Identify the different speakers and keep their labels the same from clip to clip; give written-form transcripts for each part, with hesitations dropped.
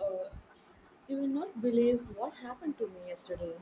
Speaker 1: Uh, you will not believe what happened to me yesterday.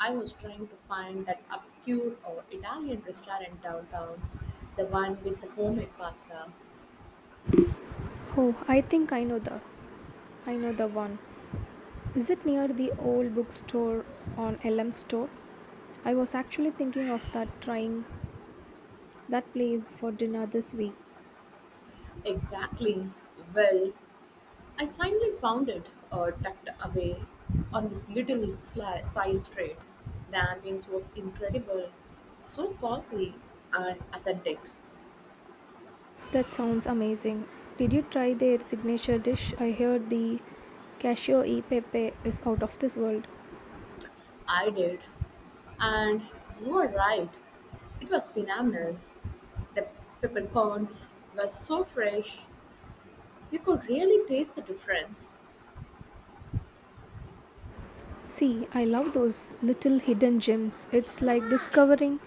Speaker 1: I was trying to find that obscure or Italian restaurant downtown, the one with the homemade pasta.
Speaker 2: Oh, I think I know the one. Is it near the old bookstore on Elm Store? I was actually thinking of that trying that place for dinner this week.
Speaker 1: Exactly. Well, I finally found it, tucked away on this little side street. The ambience was incredible, so cozy and authentic.
Speaker 2: That sounds amazing. Did you try their signature dish? I heard the cashew e pepe is out of this world.
Speaker 1: I did. And you were right, it was phenomenal. The peppercorns were so fresh, you could really taste the difference.
Speaker 2: See, I love those little hidden gems. It's like discovering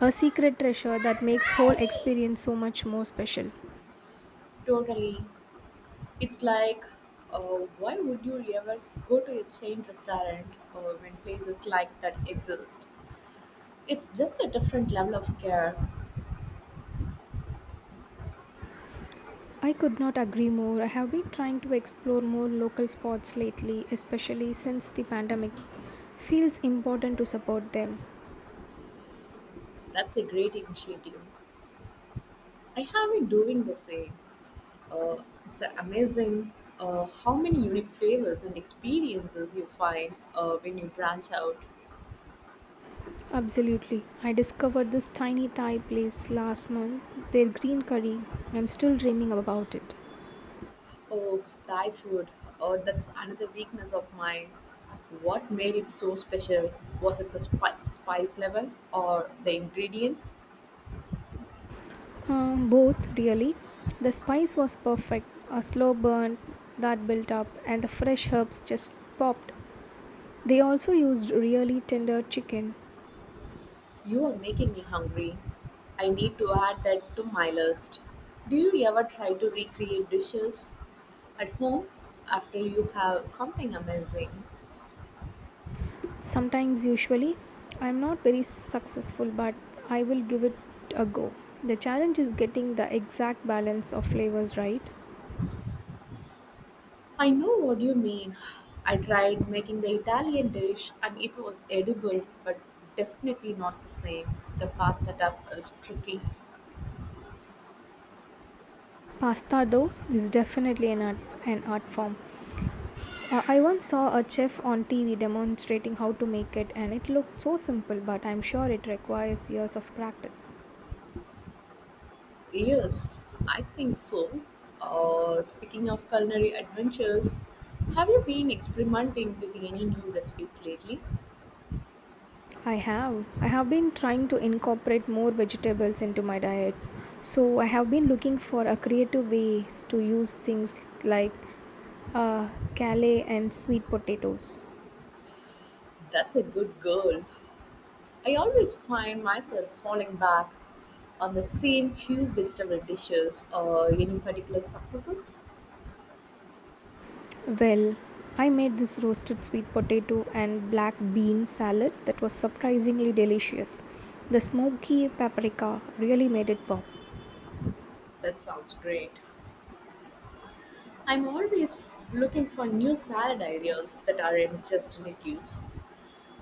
Speaker 2: a secret treasure that makes whole experience so much more special.
Speaker 1: Totally. It's like, uh, why would you ever go to a chain restaurant when places like that exist? It's just a different level of care.
Speaker 2: I could not agree more. I have been trying to explore more local spots lately, especially since the pandemic. Feels important to support them.
Speaker 1: That's a great initiative. I have been doing the same. Uh, it's amazing how many unique flavors and experiences you find when you branch out.
Speaker 2: Absolutely. I discovered this tiny Thai place last month, their green curry. I'm still dreaming about it.
Speaker 1: Oh, Thai food. Oh, that's another weakness of mine. What made it so special? Was it the spice level or the ingredients?
Speaker 2: Both, really. The spice was perfect, a slow burn that built up, and the fresh herbs just popped. They also used really tender chicken.
Speaker 1: You are making me hungry. I need to add that to my list. Do you ever try to recreate dishes at home after you have something amazing?
Speaker 2: Sometimes, usually, I'm not very successful, but I will give it a go. The challenge is getting the exact balance of flavors right.
Speaker 1: I know what you mean. I tried making the Italian dish and it was edible, but definitely not the same. The pasta stuff is tricky.
Speaker 2: Pasta, though, is definitely an art form. I once saw a chef on TV demonstrating how to make it, and it looked so simple, but I'm sure it requires years of practice.
Speaker 1: Yes, I think so. Speaking of culinary adventures, have you been experimenting with any new recipes lately?
Speaker 2: I have. I have been trying to incorporate more vegetables into my diet. So I have been looking for a creative ways to use things like uh, kale and sweet potatoes.
Speaker 1: That's a good girl. I always find myself falling back on the same few vegetable dishes or any particular successes.
Speaker 2: Well, I made this roasted sweet potato and black bean salad that was surprisingly delicious. The smoky paprika really made it pop.
Speaker 1: That sounds great. I'm always looking for new salad ideas that aren't just lettuce.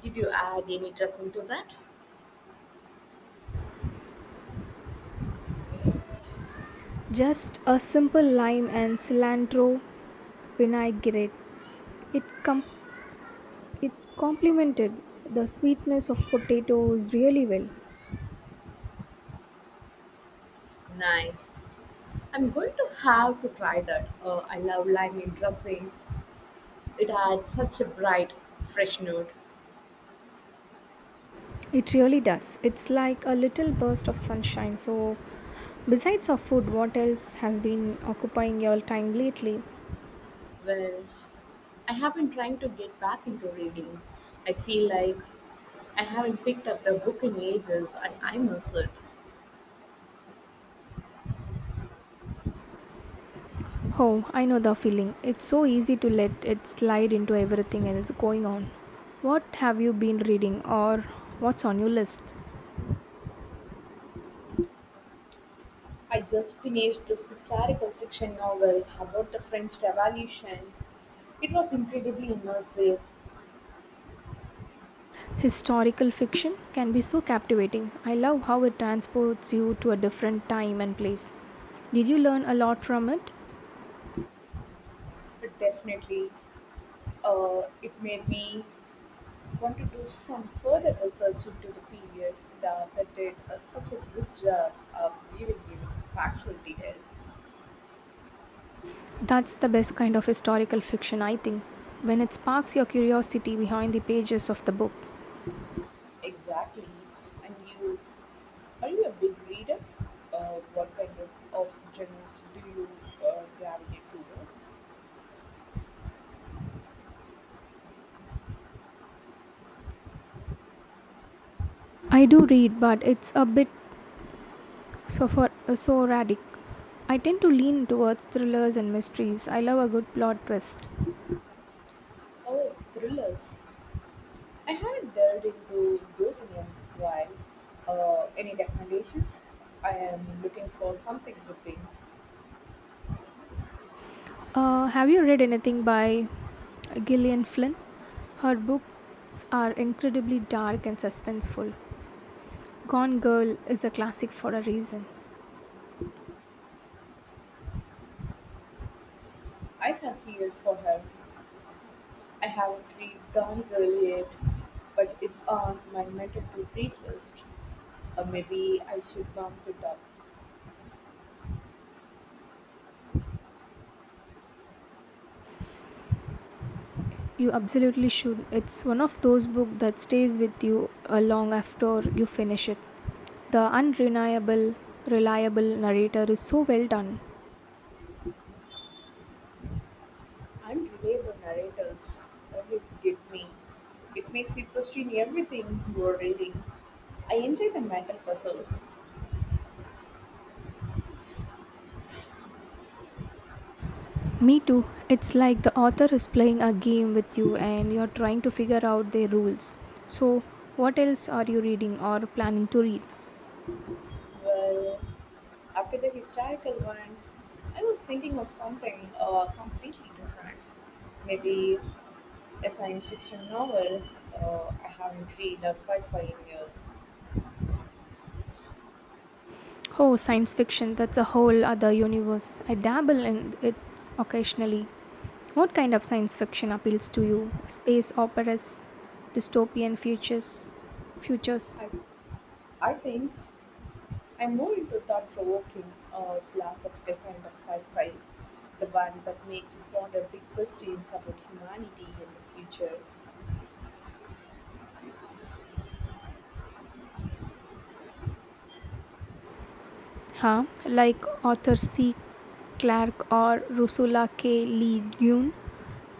Speaker 1: Did you add any dressing to that?
Speaker 2: Just a simple lime and cilantro vinaigrette. It com- It complemented the sweetness of potatoes really well.
Speaker 1: Nice. I'm going to have to try that. I love lemon dressings. It adds such a bright, fresh note.
Speaker 2: It really does. It's like a little burst of sunshine. So, besides of food, what else has been occupying your time lately?
Speaker 1: Well, I have been trying to get back into reading. I feel like I haven't picked up a book in ages and I miss it.
Speaker 2: Oh, I know the feeling. It's so easy to let it slide into everything else going on. What have you been reading or what's on your list?
Speaker 1: I just finished this historical fiction novel about the French Revolution. It was incredibly immersive.
Speaker 2: Historical fiction can be so captivating. I love how it transports you to a different time and place. Did you learn a lot from it?
Speaker 1: It definitely, it made me want to do some further research into the period. The author did such a good job of giving you factual details.
Speaker 2: That's the best kind of historical fiction, I think, when it sparks your curiosity behind the pages of the book.
Speaker 1: Exactly. And you, are you a big reader? What kind of genres do you gravitate towards?
Speaker 2: I do read, but it's a bit so for so radic. I tend to lean towards thrillers and mysteries. I love a good plot twist.
Speaker 1: Oh, thrillers. I haven't delved into those in a while. Any recommendations? I am looking for something gripping.
Speaker 2: Have you read anything by Gillian Flynn? Her books are incredibly dark and suspenseful. Gone Girl is a classic for a reason.
Speaker 1: I have here for her. I haven't read Gone Girl yet, but it's on my mental to read list. Maybe I should bump it up.
Speaker 2: You absolutely should. It's one of those books that stays with you long after you finish it. The reliable narrator is so well done.
Speaker 1: I'm reliable narrators always get me. It makes you question everything you're reading. I enjoy the mental puzzle.
Speaker 2: Me too. It's like the author is playing a game with you and you're trying to figure out their rules. So, what else are you reading or planning to read?
Speaker 1: Well, after the historical one, I was thinking of something completely different. Maybe a science fiction novel. I haven't read a sci-fi in years.
Speaker 2: Oh, science fiction. That's a whole other universe. I dabble in it occasionally. What kind of science fiction appeals to you? Space operas, dystopian futures, futures,
Speaker 1: I, I think I'm more into thought-provoking, philosophical kind of sci-fi, the one that makes you ponder big questions about humanity and the future.
Speaker 2: huh? Like Arthur C. Clarke or Ursula K. Le Guin.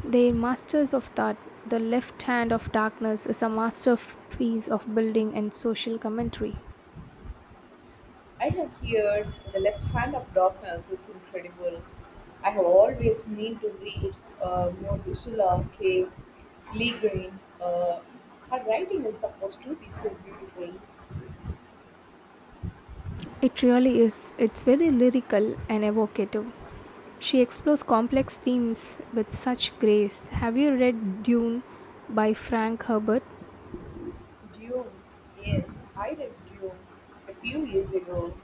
Speaker 2: They're masters of thought. The Left Hand of Darkness is a masterpiece of building and social commentary.
Speaker 1: I have heard The Left Hand of Darkness is incredible. I have always meant to read more Ursula K. Le Guin. Her writing is supposed to be so beautiful.
Speaker 2: It really is. It's very lyrical and evocative. She explores complex themes with such grace. Have you read Dune by Frank Herbert?
Speaker 1: Dune. Yes, I read Dune a few years ago.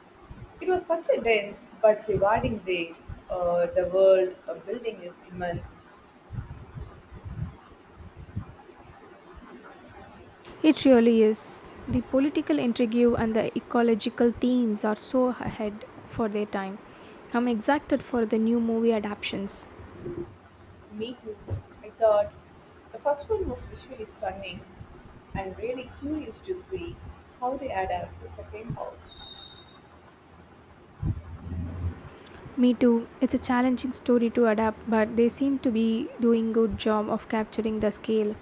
Speaker 1: It was such a dense but rewarding read. The world building is immense.
Speaker 2: It really is. The political intrigue and the ecological themes are so ahead for their time. I'm excited for the new movie adaptations.
Speaker 1: Me too. I thought the first one was visually stunning. I'm really curious to see how they adapt the second half.
Speaker 2: Me too. It's a challenging story to adapt, but they seem to be doing good job of capturing the scale.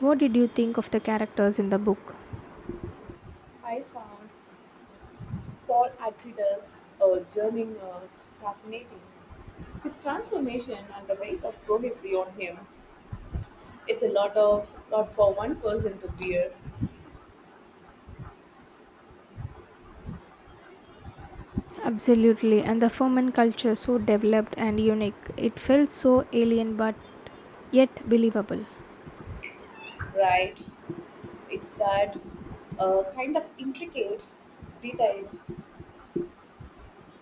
Speaker 2: What did you think of the characters in the book?
Speaker 1: I found Paul Atreides' journey fascinating. His transformation and the weight of prophecy on him. It's a lot for one person to bear.
Speaker 2: Absolutely, and the Foman culture so developed and unique. It felt so alien but yet believable.
Speaker 1: Right. It's that kind of intricate detail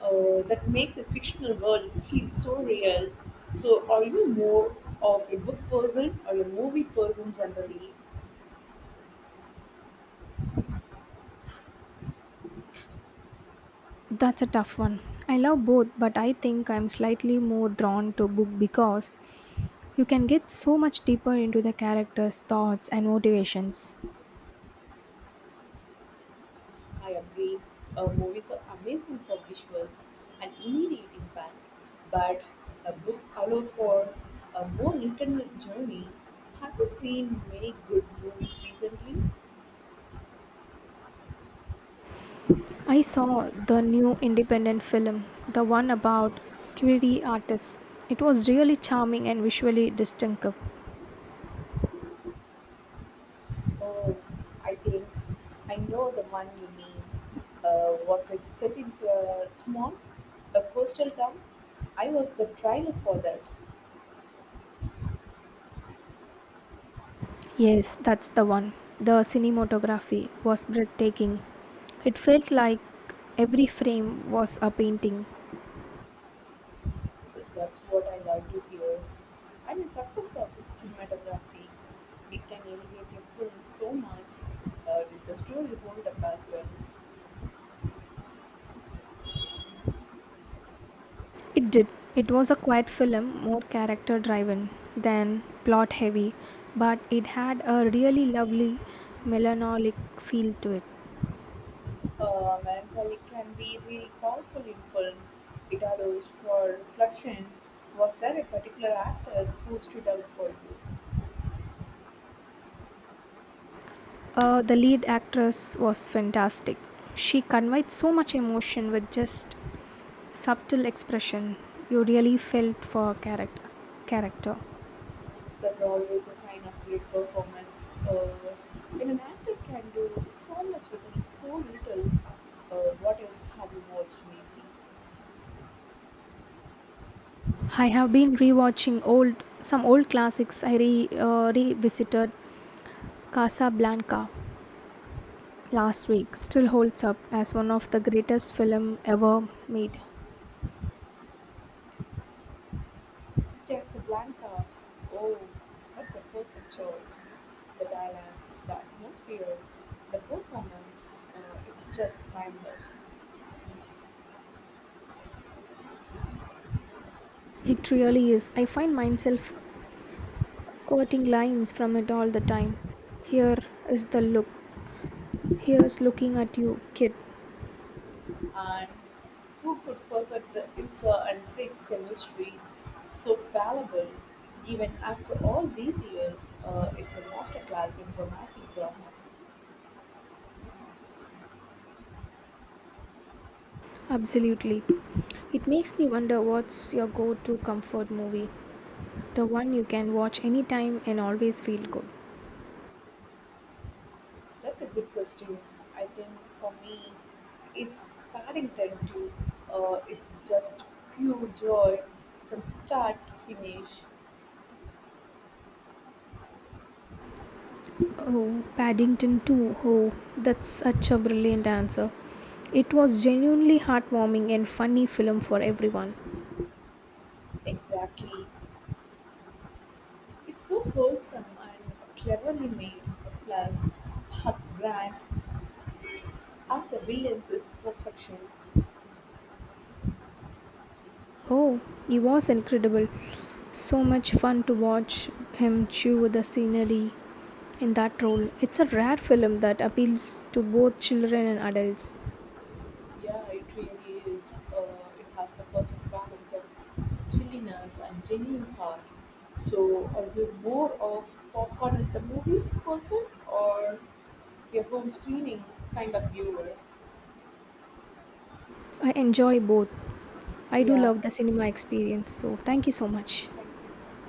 Speaker 1: that makes a fictional world feel so real. So, are you more of a book person or a movie person generally?
Speaker 2: That's a tough one. I love both, but I think I'm slightly more drawn to book because you can get so much deeper into the characters' thoughts and motivations.
Speaker 1: I agree. Movies are amazing for visuals and immediate impact, but books allow for a more internal journey. Have you seen many good movies recently?
Speaker 2: I saw the new independent film, the one about Query artists. It was really charming and visually distinctive.
Speaker 1: Oh, I think I know the one you mean. Was it set in a a coastal town? I was the trailer for that.
Speaker 2: Yes, that's the one. The cinematography was breathtaking. It felt like every frame was a painting.
Speaker 1: That's what I love to hear. I'm a sucker for good cinematography. It can elevate a film so much. Did the story hold up as well?
Speaker 2: It did. It was a quiet film, more character driven than plot heavy, but it had a really lovely melancholic feel to it.
Speaker 1: Melancholy can be really powerful in film. It allows for reflection. Was there a particular actor who stood out for you?
Speaker 2: The lead actress was fantastic. She conveyed so much emotion with just subtle expression. You really felt for character.
Speaker 1: That's always a sign of great performance. When an actor can do so much with so little, uh, what else have you watched lately?
Speaker 2: I have been rewatching old some old classics. I revisited Casablanca last week, still holds up as one of the greatest film ever made.
Speaker 1: Casablanca. Oh, that's a perfect choice. The dialogue, the atmosphere, the performance, it's just timeless.
Speaker 2: It really is. I find myself quoting lines from it all the time. Here is the look. Here's looking at you, kid.
Speaker 1: And who could forget the Ilsa and Craig's chemistry? So palpable. Even after all these years, it's a masterclass in romantic drama.
Speaker 2: Absolutely. It makes me wonder, what's your go to comfort movie? The one you can watch anytime and always feel good.
Speaker 1: That's a good question. I think for me, it's Paddington too. It's just pure joy from start to finish.
Speaker 2: Oh, Paddington 2. Oh, that's such a brilliant answer. It was genuinely heartwarming and funny film for everyone.
Speaker 1: Exactly. It's so wholesome and cleverly made. Plus, Hugh Grant as the villains is perfection.
Speaker 2: Oh, he was incredible. So much fun to watch him chew the scenery in that role. It's a rare film that appeals to both children and adults.
Speaker 1: Yeah, it really is. It has the perfect balance of chilliness and genuine heart. So, are you more of popcorn at the movies person or your home screening kind of viewer.
Speaker 2: I enjoy both. I do
Speaker 1: Yeah.
Speaker 2: love the cinema experience. So, thank you so much.
Speaker 1: Thank you.